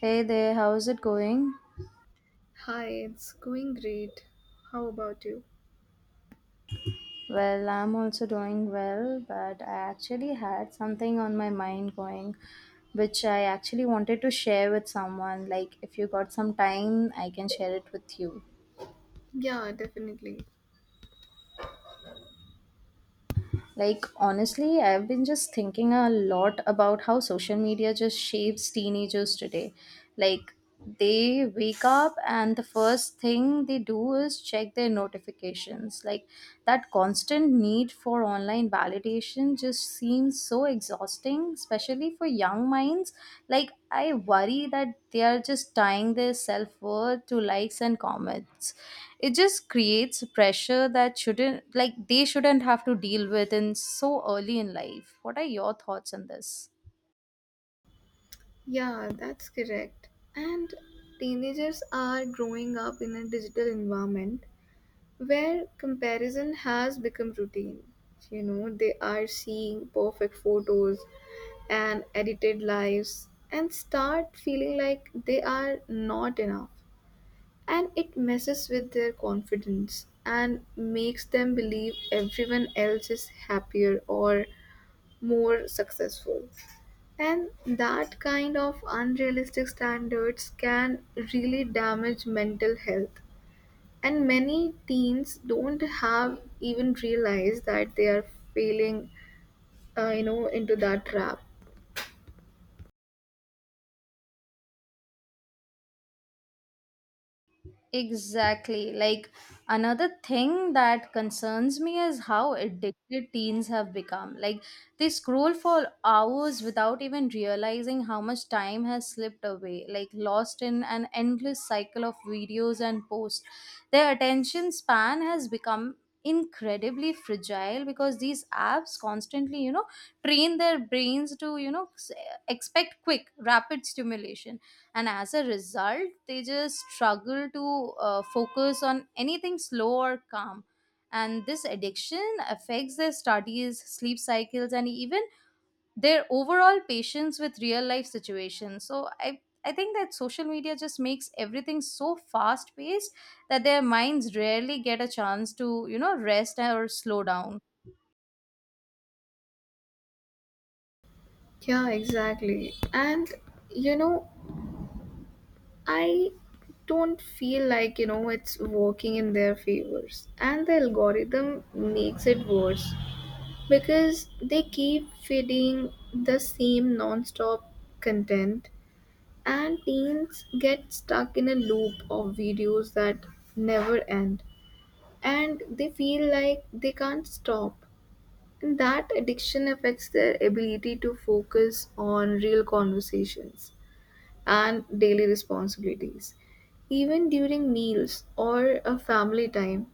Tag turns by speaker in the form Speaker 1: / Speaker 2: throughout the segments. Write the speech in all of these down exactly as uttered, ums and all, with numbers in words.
Speaker 1: Hey there, how's it going?
Speaker 2: Hi, it's going great. How about you?
Speaker 1: Well, I'm also doing well, but I actually had something on my mind going, which I actually wanted to share with someone. Like, if you got some time, I can share it with you.
Speaker 2: Yeah, definitely.
Speaker 1: Like, honestly, I've been just thinking a lot about how social media just shapes teenagers today. Like, they wake up and the first thing they do is check their notifications. Like, that constant need for online validation just seems seems so exhausting, especially for young minds. Like, I worry that they are just tying their self worth to likes and comments. It just creates pressure that shouldn't, like, they shouldn't have to deal with in so early in life. What are your thoughts on this?
Speaker 2: Yeah, that's correct. And teenagers are growing up in a digital environment where comparison has become routine. You know, they are seeing perfect photos and edited lives and start feeling like they are not enough. And it messes with their confidence and makes them believe everyone else is happier or more successful. And that kind of unrealistic standards can really damage mental health. And many teens don't have even realized that they are failing, uh, you know, into that trap.
Speaker 1: Exactly. Like, another thing that concerns me is how addicted teens have become. Like, they scroll for hours without even realizing how much time has slipped away, like lost in an endless cycle of videos and posts. Their attention span has become incredibly fragile because these apps constantly, you know, train their brains to, you know, s- expect quick, rapid stimulation, and as a result they just struggle to uh, focus on anything slow or calm. And this addiction affects their studies, sleep cycles, and even their overall patience with real life situations. So i i think that social media just makes everything so fast paced that their minds rarely get a chance to, you know, rest or slow down.
Speaker 2: Yeah, exactly. And, you know, I don't feel like, you know, it's working in their favors. And the algorithm makes it worse because they keep feeding the same non-stop content, and teens get stuck in a loop of videos that never end, and they feel like they can't stop, and that addiction affects their ability to focus on real conversations and daily responsibilities. Even during meals or a family time,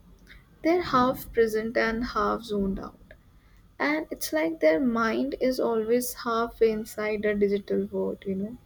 Speaker 2: they're half present and half zoned out, and it's like their mind is always half inside a digital world, you know.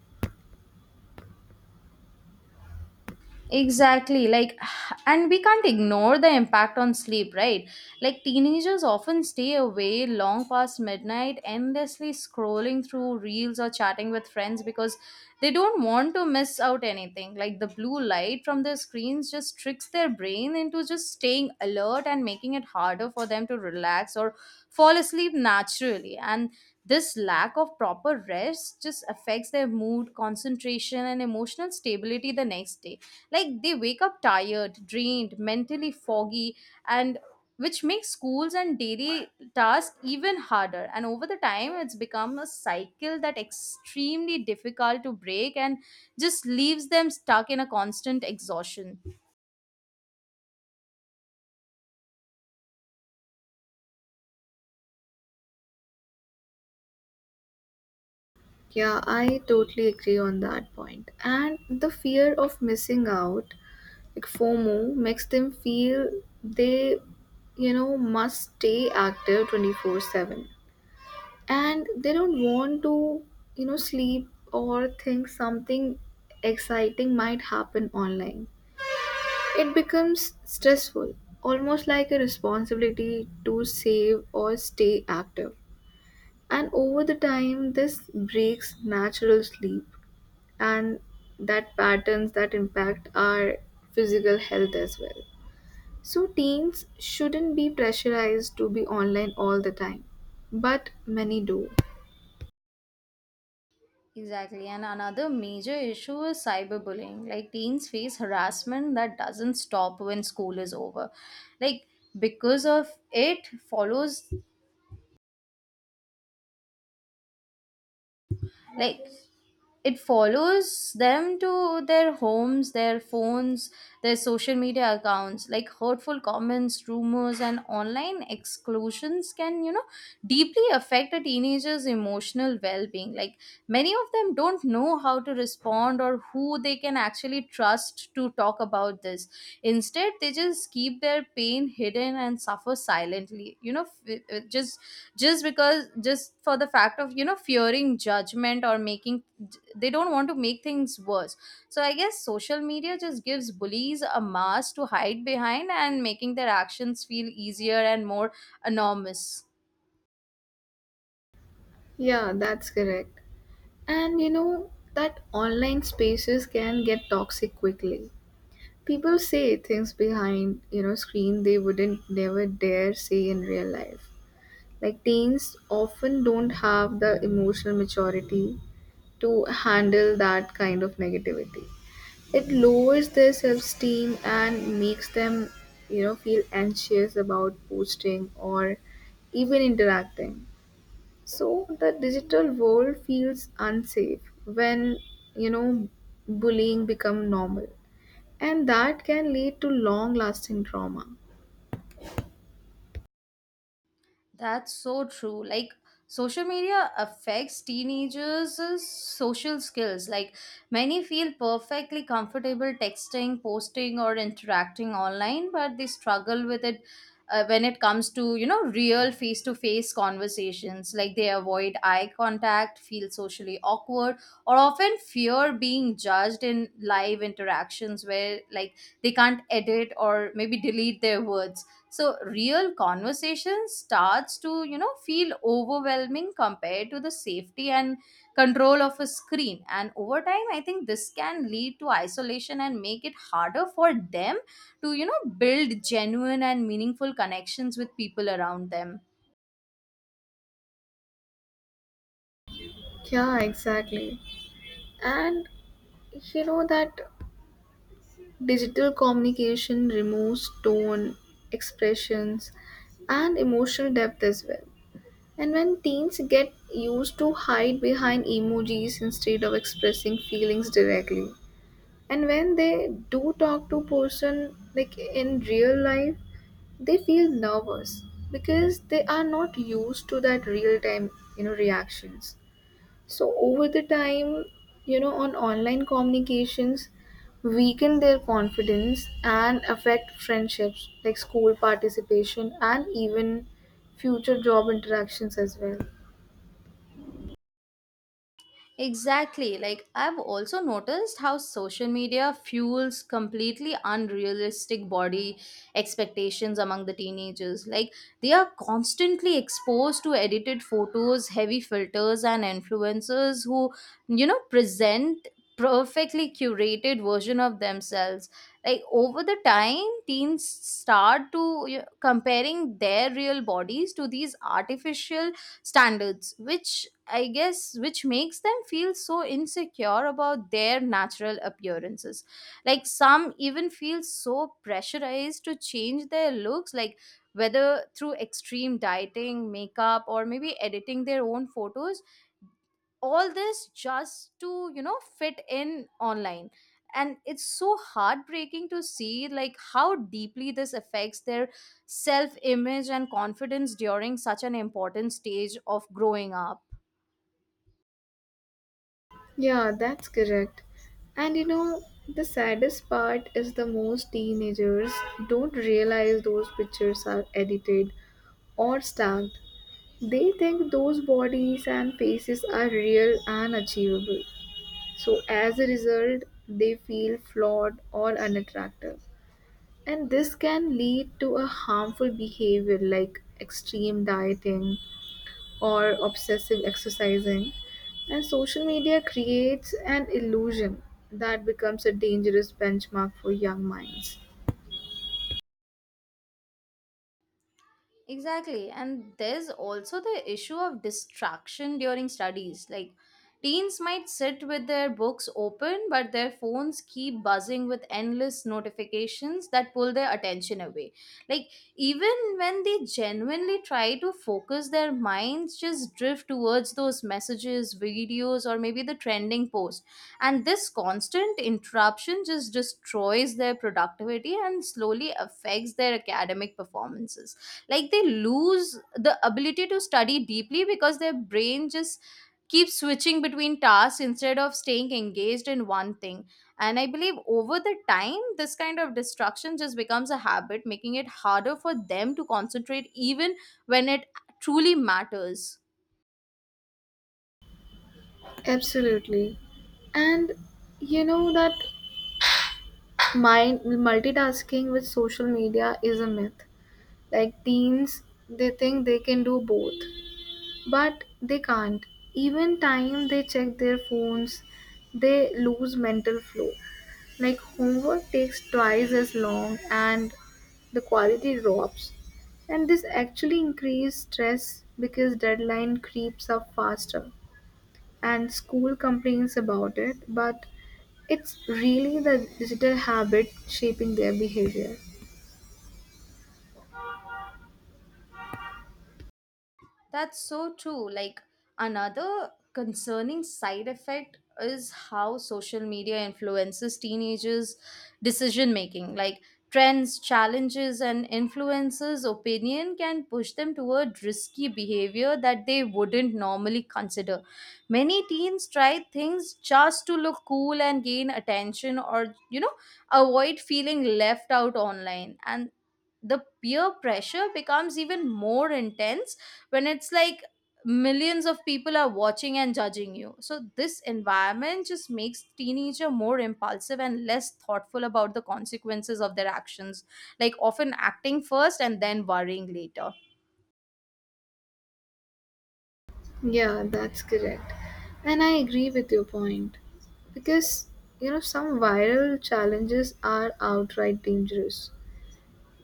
Speaker 1: Exactly. Like, and we can't ignore the impact on sleep, right? Like, teenagers often stay away long past midnight, endlessly scrolling through reels or chatting with friends because they don't want to miss out anything. Like, the blue light from their screens just tricks their brain into just staying alert and making it harder for them to relax or fall asleep naturally. And this lack of proper rest just affects their mood, concentration, and emotional stability the next day. Like, they wake up tired, drained, mentally foggy, and which makes schools and daily tasks even harder. And over the time, it's become a cycle that extremely difficult to break and just leaves them stuck in a constant exhaustion.
Speaker 2: Yeah, I totally agree on that point point. And the fear of missing out, like FOMO, makes them feel they, you know, must stay active twenty four seven, and they don't want to, you know, sleep or think something exciting might happen online. It becomes stressful, almost like a responsibility to save or stay active. And over the time, this breaks natural sleep and that patterns that impact our physical health as well. So, teens shouldn't be pressurized to be online all the time, but many do.
Speaker 1: Exactly. And another major issue is cyberbullying. Like, teens face harassment that doesn't stop when school is over. Like, because of it follows, like, it follows them to their homes, their phones, their social media accounts. Like, hurtful comments, rumors, and online exclusions can, you know, deeply affect a teenager's emotional well being. Like, many of them don't know how to respond or who they can actually trust to talk about this. Instead, they just keep their pain hidden and suffer silently. You know, f- uh, just just because just for the fact of, you know, fearing judgment or making, they don't want to make things worse. So I guess social media just gives bullies a mask to hide behind and making their actions feel easier and more anonymous.
Speaker 2: Yeah, that's correct. And you know that online spaces can get toxic quickly. People say things behind, you know, screen they wouldn't never dare say in real life. Like teens often don't have the emotional maturity to handle that kind of negativity. It lowers their self-esteem and makes them, you know, feel anxious about posting or even interacting. So the digital world feels unsafe when, you know, bullying become normal, and that can lead to long lasting trauma.
Speaker 1: That's so true. Like, social media affects teenagers' social skills. Like, many feel perfectly comfortable texting, posting, or interacting online, but they struggle with it uh, when it comes to, you know, real face-to-face conversations. Like, they avoid eye contact, feel socially awkward, or often fear being judged in live interactions where, like, they can't edit or maybe delete their words. So real conversation starts to, you know, feel overwhelming compared to the safety and control of a screen. And over time I think this can lead to isolation and make it harder for them to, you know, build genuine and meaningful connections with people around them.
Speaker 2: Yeah, exactly. And you know that digital communication removes tone, expressions, and emotional depth as well. And when teens get used to hide behind emojis instead of expressing feelings directly, and when they do talk to person like in real life, they feel nervous because they are not used to that real time, you know, reactions. So over the time, you know, on online communications weaken their confidence and affect friendships like school participation and even future job interactions as well.
Speaker 1: Exactly. Like, I've also noticed how social media fuels completely unrealistic body expectations among the teenagers. Like, they are constantly exposed to edited photos, heavy filters, and influencers who, you know, present perfectly curated version of themselves. Like, over the time, teens start to, you know, comparing their real bodies to these artificial standards, which I guess, which makes them feel so insecure about their natural appearances. Like, some even feel so pressurized to change their looks, like whether through extreme dieting, makeup, or maybe editing their own photos, all this just to, you know, fit in online. And it's so heartbreaking to see like how deeply this affects their self-image and confidence during such an important stage of growing up.
Speaker 2: Yeah, that's correct. And you know, the saddest part is the most teenagers don't realize those pictures are edited or stacked. They think those bodies and faces are real and achievable. So, as a result, they feel flawed or unattractive. And this can lead to a harmful behavior like extreme dieting or obsessive exercising. And social media creates an illusion that becomes a dangerous benchmark for young minds.
Speaker 1: Exactly. And there's also the issue of distraction during studies. Like, teens might sit with their books open, but their phones keep buzzing with endless notifications that pull their attention away. Like, even when they genuinely try to focus, their minds just drift towards those messages, videos, or maybe the trending post. And this constant interruption just destroys their productivity and slowly affects their academic performances. Like, they lose the ability to study deeply because their brain just keeps switching between tasks instead of staying engaged in one thing. And I believe over the time this kind of distraction just becomes a habit, making it harder for them to concentrate even when it truly matters.
Speaker 2: Absolutely. And you know that mind multitasking with social media is a myth. Like teens, they think they can do both. But they can't. Even time they check their phones, they lose mental flow. Like homework takes twice as long and the quality drops. And this actually increases stress because deadline creeps up faster and school complains about it, but it's really the digital habit shaping their behavior.
Speaker 1: That's so true. Like, another concerning side effect is how social media influences teenagers' decision making. Like, trends, challenges, and influencers' opinion can push them toward risky behavior that they wouldn't normally consider. Many teens try things just to look cool and gain attention, or, you know, avoid feeling left out online. And the peer pressure becomes even more intense when it's like millions of people are watching and judging you. So this environment just makes teenager more impulsive and less thoughtful about the consequences of their actions, like often acting first and then worrying later.
Speaker 2: Yeah, that's correct. And I agree with your point. Because, you know, some viral challenges are outright dangerous.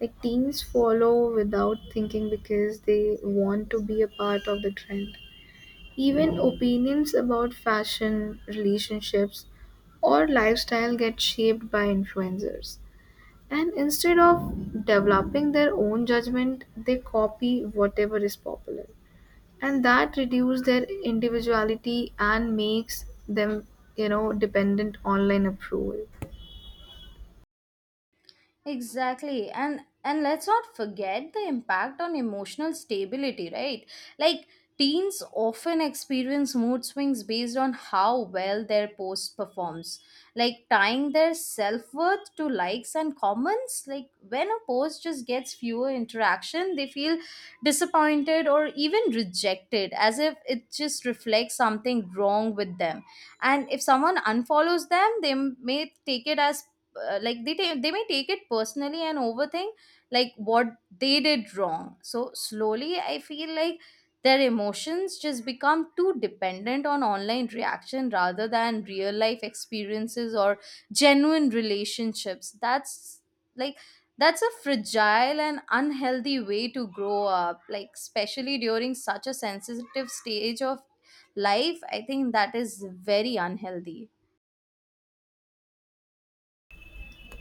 Speaker 2: Like teens follow without thinking because they want to be a part of the trend. Even opinions about fashion, relationships, or lifestyle get shaped by influencers. And instead of developing their own judgment, they copy whatever is popular, and that reduces their individuality and makes them, you know, dependent online approval.
Speaker 1: Exactly. And and let's not forget the impact on emotional stability, right? Like, teens often experience mood swings based on how well their post performs. Like, tying their self-worth to likes and comments, like when a post just gets fewer interaction, they feel disappointed or even rejected as if it just reflects something wrong with them. And if someone unfollows them, they may take it as uh, like they ta- they may take it personally and overthink like what they did wrong. So slowly I feel like their emotions just become too dependent on online reaction rather than real life experiences or genuine relationships. That's, like, that's a fragile and unhealthy way to grow up, like especially during such a sensitive stage of life. I think that is very unhealthy.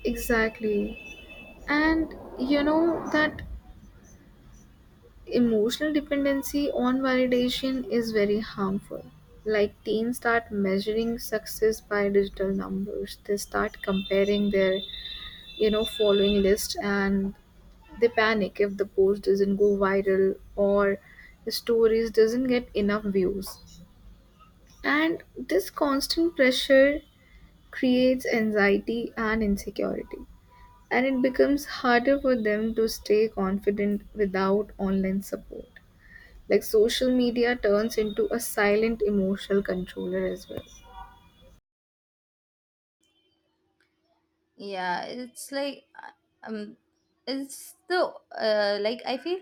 Speaker 2: Exactly. And you know that emotional dependency on validation is very harmful. Like teens start measuring success by digital numbers. They start comparing their, you know, following list, and they panic if the post doesn't go viral or the stories doesn't get enough views. And this constant pressure creates anxiety and insecurity, and it becomes harder for them to stay confident without online support. Like social media turns into a silent emotional controller as well.
Speaker 1: Yeah, it's like uh, um it's the uh, like I feel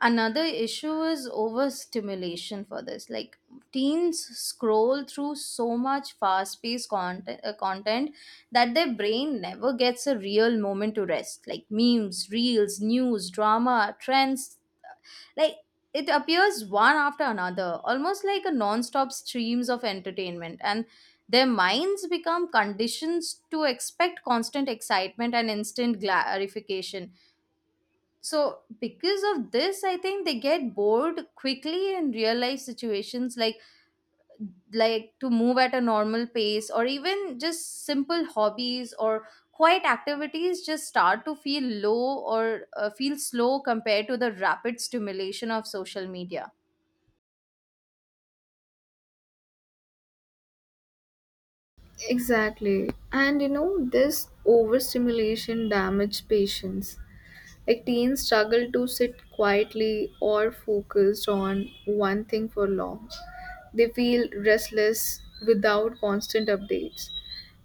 Speaker 1: another issue is overstimulation for this. Like, teens scroll through so much fast-paced content, uh, content that their brain never gets a real moment to rest. Like, memes, reels, news, drama, trends, like it appears one after another, almost like a non-stop streams of entertainment, and their minds become conditioned to expect constant excitement and instant glorification. So because of this, I think they get bored quickly in real life situations. like like to move at a normal pace or even just simple hobbies or quiet activities just start to feel low or uh, feel slow compared to the rapid stimulation of social media.
Speaker 2: Exactly. And you know, this overstimulation damages patience. Like teens struggle to sit quietly or focused on one thing for long. They feel restless without constant updates.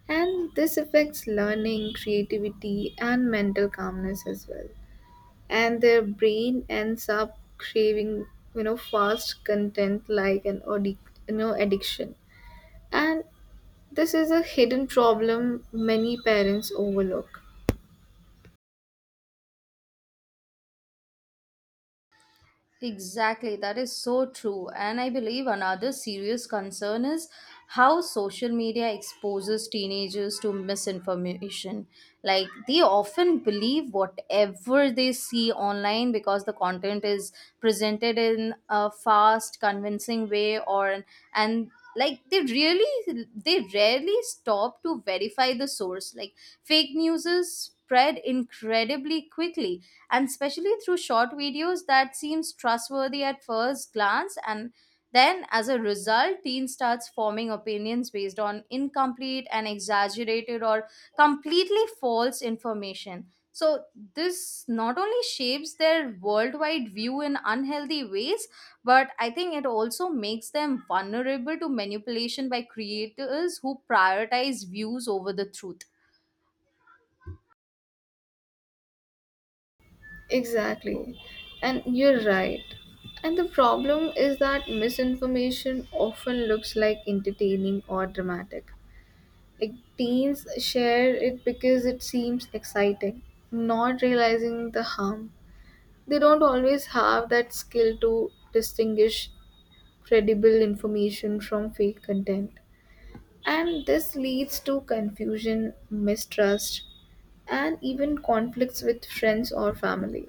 Speaker 2: And this affects learning, creativity, and mental calmness as well. And their brain ends up craving, you know, fast content like an addic- you know, addiction. And this is a hidden problem many parents overlook.
Speaker 1: Exactly, that is so true. And I believe another serious concern is how social media exposes teenagers to misinformation. Like, they often believe whatever they see online because the content is presented in a fast, convincing way, or and like they really they rarely stop to verify the source. Like, fake news is spread incredibly quickly, and especially through short videos that seems trustworthy at first glance. And then as a result, teen starts forming opinions based on incomplete and exaggerated or completely false information. So this not only shapes their worldwide view in unhealthy ways, but I think it also makes them vulnerable to manipulation by creators who prioritize views over the truth.
Speaker 2: Exactly. And you're right. And the problem is that misinformation often looks like entertaining or dramatic. Like teens share it because it seems exciting, not realizing the harm. They don't always have that skill to distinguish credible information from fake content. And this leads to confusion, mistrust, and even conflicts with friends or family.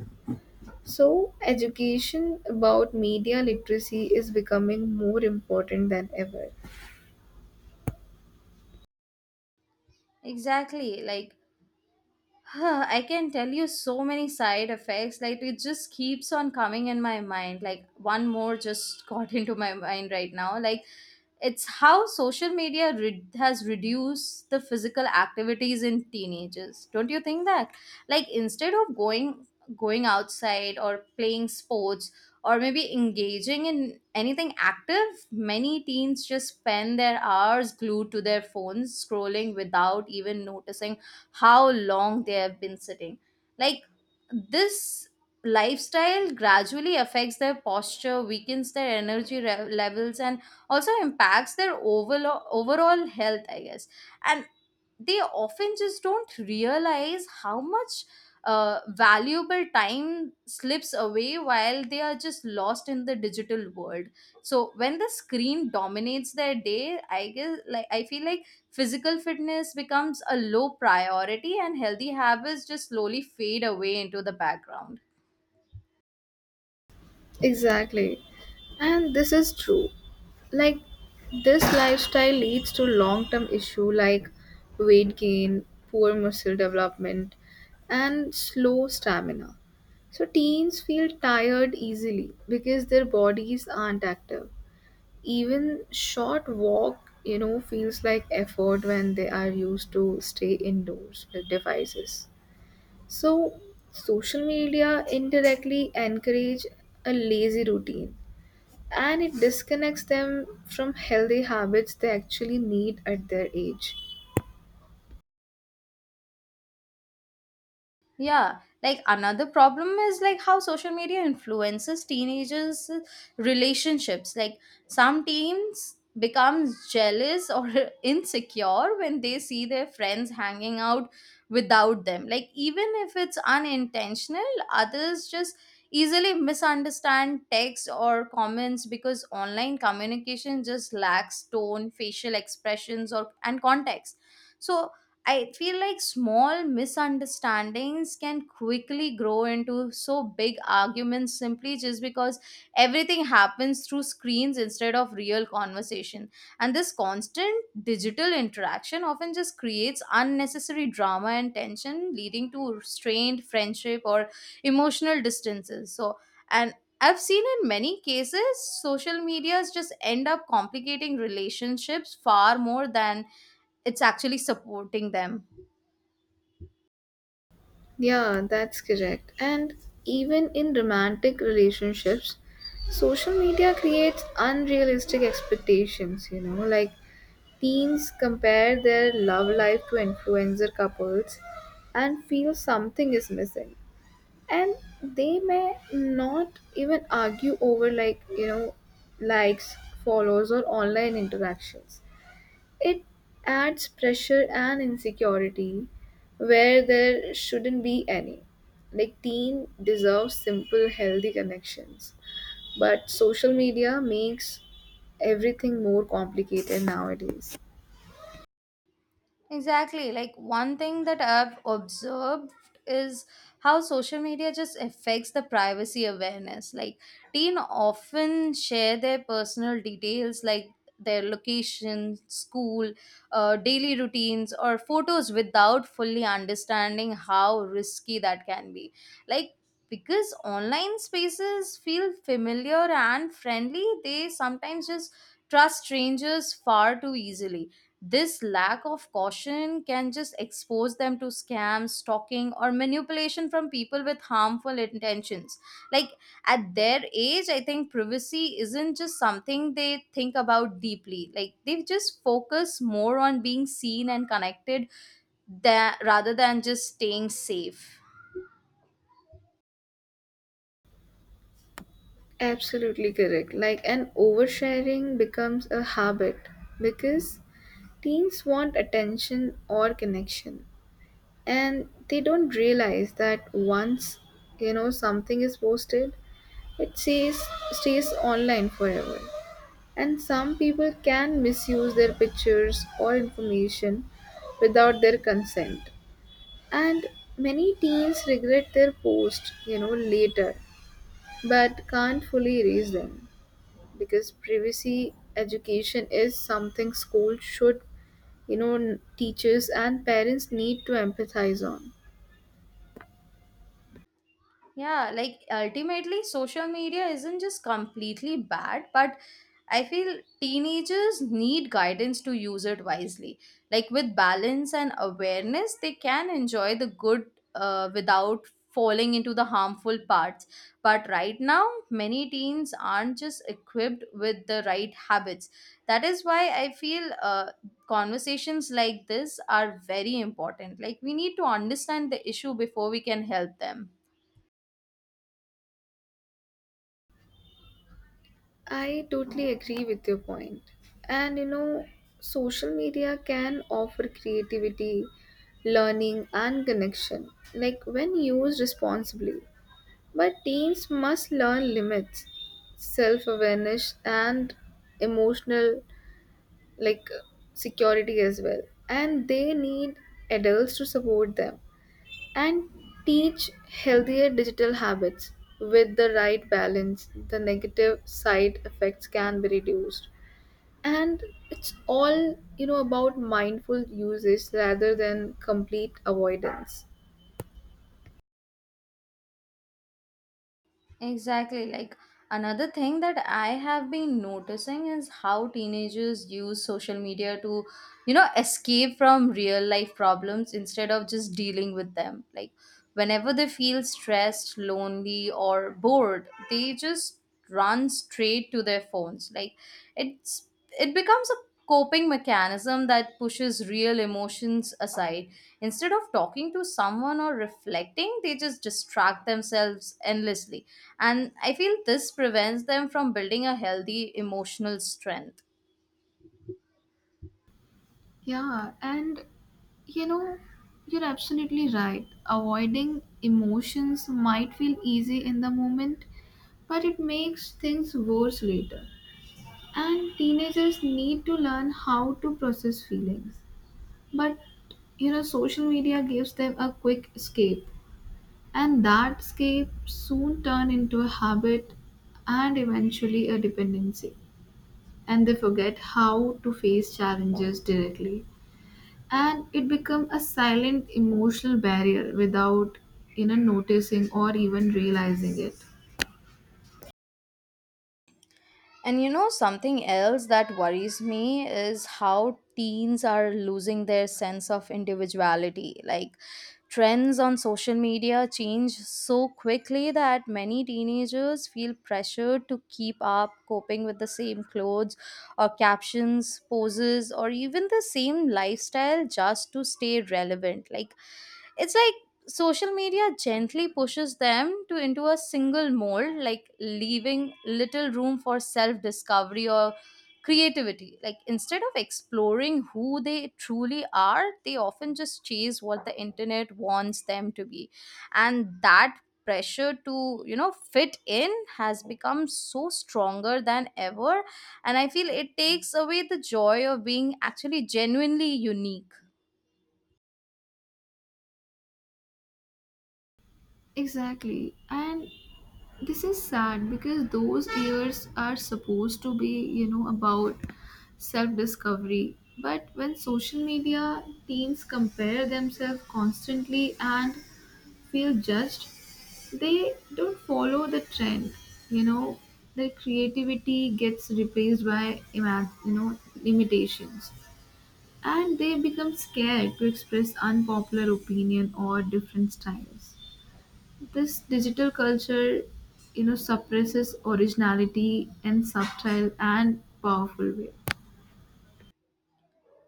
Speaker 2: So, education about media literacy is becoming more important than ever.
Speaker 1: Exactly. Like, huh, I can tell you so many side effects. Like, it just keeps on coming in my mind. Like, one more just got into my mind right now. Like, it's how social media re- has reduced the physical activities in teenagers. Don't you think that? Like, instead of going going outside or playing sports or maybe engaging in anything active, many teens just spend their hours glued to their phones scrolling without even noticing how long they have been sitting. Like, this lifestyle gradually affects their posture, weakens their energy re- levels, and also impacts their overall overall health I guess. And they often just don't realize how much uh, valuable time slips away while they are just lost in the digital world. So when the screen dominates their day, I guess, like, I feel like physical fitness becomes a low priority and healthy habits just slowly fade away into the background.
Speaker 2: Exactly. And this is true. Like, this lifestyle leads to long term issue like weight gain, poor muscle development, and slow stamina. So, teens feel tired easily because their bodies aren't active. Even short walk, you know, feels like effort when they are used to stay indoors with devices. So social media indirectly encourage a lazy routine, and it disconnects them from healthy habits they actually need at their age.
Speaker 1: Yeah, like another problem is like how social media influences teenagers' relationships. Like, some teens become jealous or insecure when they see their friends hanging out without them. Like, even if it's unintentional, others just easily misunderstand text or comments because online communication just lacks tone, facial expressions or and context. So I feel like small misunderstandings can quickly grow into so big arguments simply just because everything happens through screens instead of real conversation. And this constant digital interaction often just creates unnecessary drama and tension, leading to strained friendship or emotional distances. So, and I've seen in many cases, social medias just end up complicating relationships far more than it's actually supporting them.
Speaker 2: Yeah, that's correct. And even in romantic relationships, social media creates unrealistic expectations, you know, like teens compare their love life to influencer couples and feel something is missing. And they may not even argue over, like, you know, likes, follows, or online interactions. It adds pressure and insecurity where there shouldn't be any. Like, teen deserves simple, healthy connections. But social media makes everything more complicated nowadays.
Speaker 1: Exactly. Like, one thing that I've observed is how social media just affects the privacy awareness. Like, teen often share their personal details like their location, school, uh, daily routines, or photos without fully understanding how risky that can be. Like, because online spaces feel familiar and friendly, they sometimes just trust strangers far too easily. This lack of caution can just expose them to scams, stalking, or manipulation from people with harmful intentions. Like, at their age, I think privacy isn't just something they think about deeply. Like, they just focus more on being seen and connected tha- rather than just staying safe.
Speaker 2: Absolutely correct. Like, and oversharing becomes a habit because teens want attention or connection, and they don't realize that once you know something is posted, it stays stays online forever. And some people can misuse their pictures or information without their consent. And many teens regret their post, you know, later, but can't fully erase them because privacy education is something school should, you know, n- teachers and parents need to empathize on.
Speaker 1: Yeah, like ultimately, social media isn't just completely bad, but I feel teenagers need guidance to use it wisely. Like, with balance and awareness, they can enjoy the good uh, without falling into the harmful parts. But right now, many teens aren't just equipped with the right habits. That is why I feel uh, conversations like this are very important. Like, we need to understand the issue before we can help them.
Speaker 2: I totally agree with your point. And you know, social media can offer creativity, learning, and connection, like when used responsibly. But teens must learn limits, self awareness, and emotional, like, security as well. And they need adults to support them and teach healthier digital habits. With the right balance, the negative side effects can be reduced, and it's all, you know, about mindful usage rather than complete avoidance.
Speaker 1: Exactly. Like, another thing that I have been noticing is how teenagers use social media to, you know, escape from real life problems instead of just dealing with them. Like, whenever they feel stressed, lonely, or bored, they just run straight to their phones. Like, it's it becomes a coping mechanism that pushes real emotions aside. Instead of talking to someone or reflecting, they just distract themselves endlessly, and I feel this prevents them from building a healthy emotional strength.
Speaker 2: Yeah, and you know, you're absolutely right. Avoiding emotions might feel easy in the moment, but it makes things worse later. And teenagers need to learn how to process feelings. But you know, social media gives them a quick escape, and that escape soon turn into a habit and eventually a dependency. And they forget how to face challenges directly, and it become a silent emotional barrier without, you know, noticing or even realizing it.
Speaker 1: And you know, something else that worries me is how teens are losing their sense of individuality. Like, trends on social media change so quickly that many teenagers feel pressured to keep up, coping with the same clothes or captions, poses, or even the same lifestyle just to stay relevant. Like, it's like social media gently pushes them to into a single mold, like leaving little room for self discovery or creativity. Like, instead of exploring who they truly are, they often just chase what the internet wants them to be, and that pressure to, you know, fit in has become so stronger than ever, and I feel it takes away the joy of being actually genuinely unique.
Speaker 2: Exactly, and this is sad because those years are supposed to be, you know, about self discovery. But when social media teens compare themselves constantly and feel judged, they don't follow the trend, you know, their creativity gets replaced by ima- you know, limitations, and they become scared to express unpopular opinion or different styles. This digital culture, you know, suppresses originality in subtle and powerful way.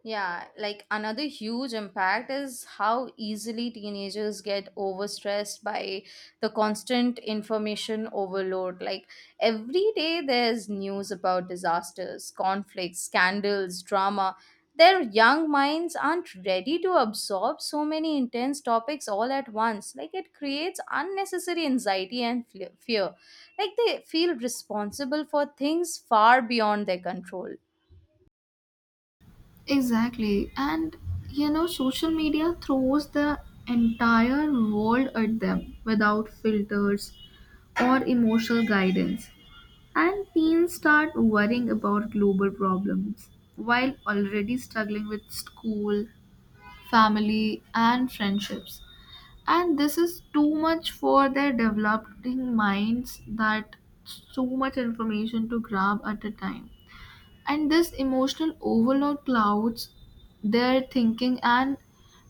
Speaker 1: Yeah, like another huge impact is how easily teenagers get overstressed by the constant information overload. Like, every day there's news about disasters, conflicts, scandals, drama. Their young minds aren't ready to absorb so many intense topics all at once. Like, it creates unnecessary anxiety and fle- fear. Like, they feel responsible for things far beyond their control.
Speaker 2: Exactly, and you know, social media throws the entire world at them without filters or emotional guidance, and teens start worrying about global problems while already struggling with school, family, and friendships. And this is too much for their developing minds, that so much information to grab at a time. And this emotional overload clouds their thinking and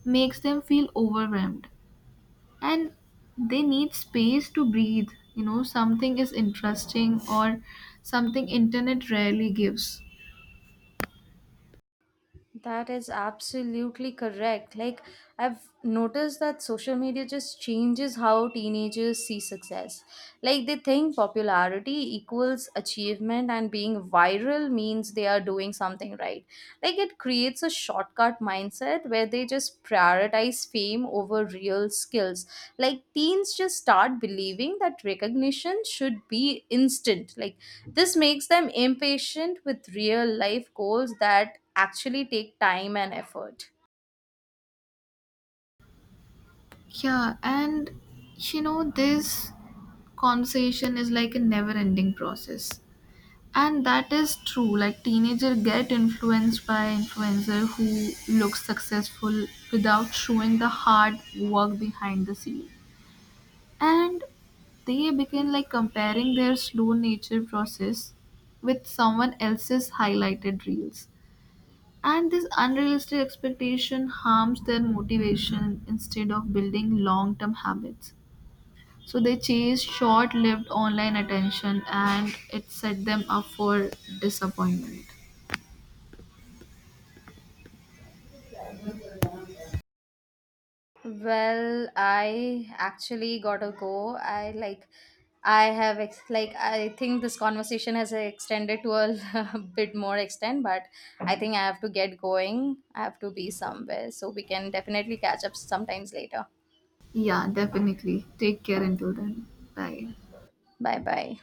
Speaker 2: makes them feel overwhelmed. And they need space to breathe. You know, something is interesting or something internet rarely gives.
Speaker 1: That is absolutely correct. Like, I've noticed that social media just changes how teenagers see success. Like, they think popularity equals achievement, and being viral means they are doing something right. Like, it creates a shortcut mindset where they just prioritize fame over real skills. Like, teens just start believing that recognition should be instant. Like, this makes them impatient with real life goals that actually take time and effort.
Speaker 2: Yeah, and you know, this conversation is like a never ending process. And that is true, like teenager get influenced by influencer who looks successful without showing the hard work behind the scene. And they begin like comparing their slow nature process with someone else's highlighted reels, and this unrealistic expectation harms their motivation instead of building long term habits. So they chased short lived online attention, and it set them up for disappointment.
Speaker 1: Well, I actually gotta go. I like, I have ex- like, I think this conversation has extended to a bit more extent, but I think I have to get going. I have to be somewhere, so we can definitely catch up sometimes later.
Speaker 2: Yeah, definitely. Take care until then. Bye.
Speaker 1: Bye bye.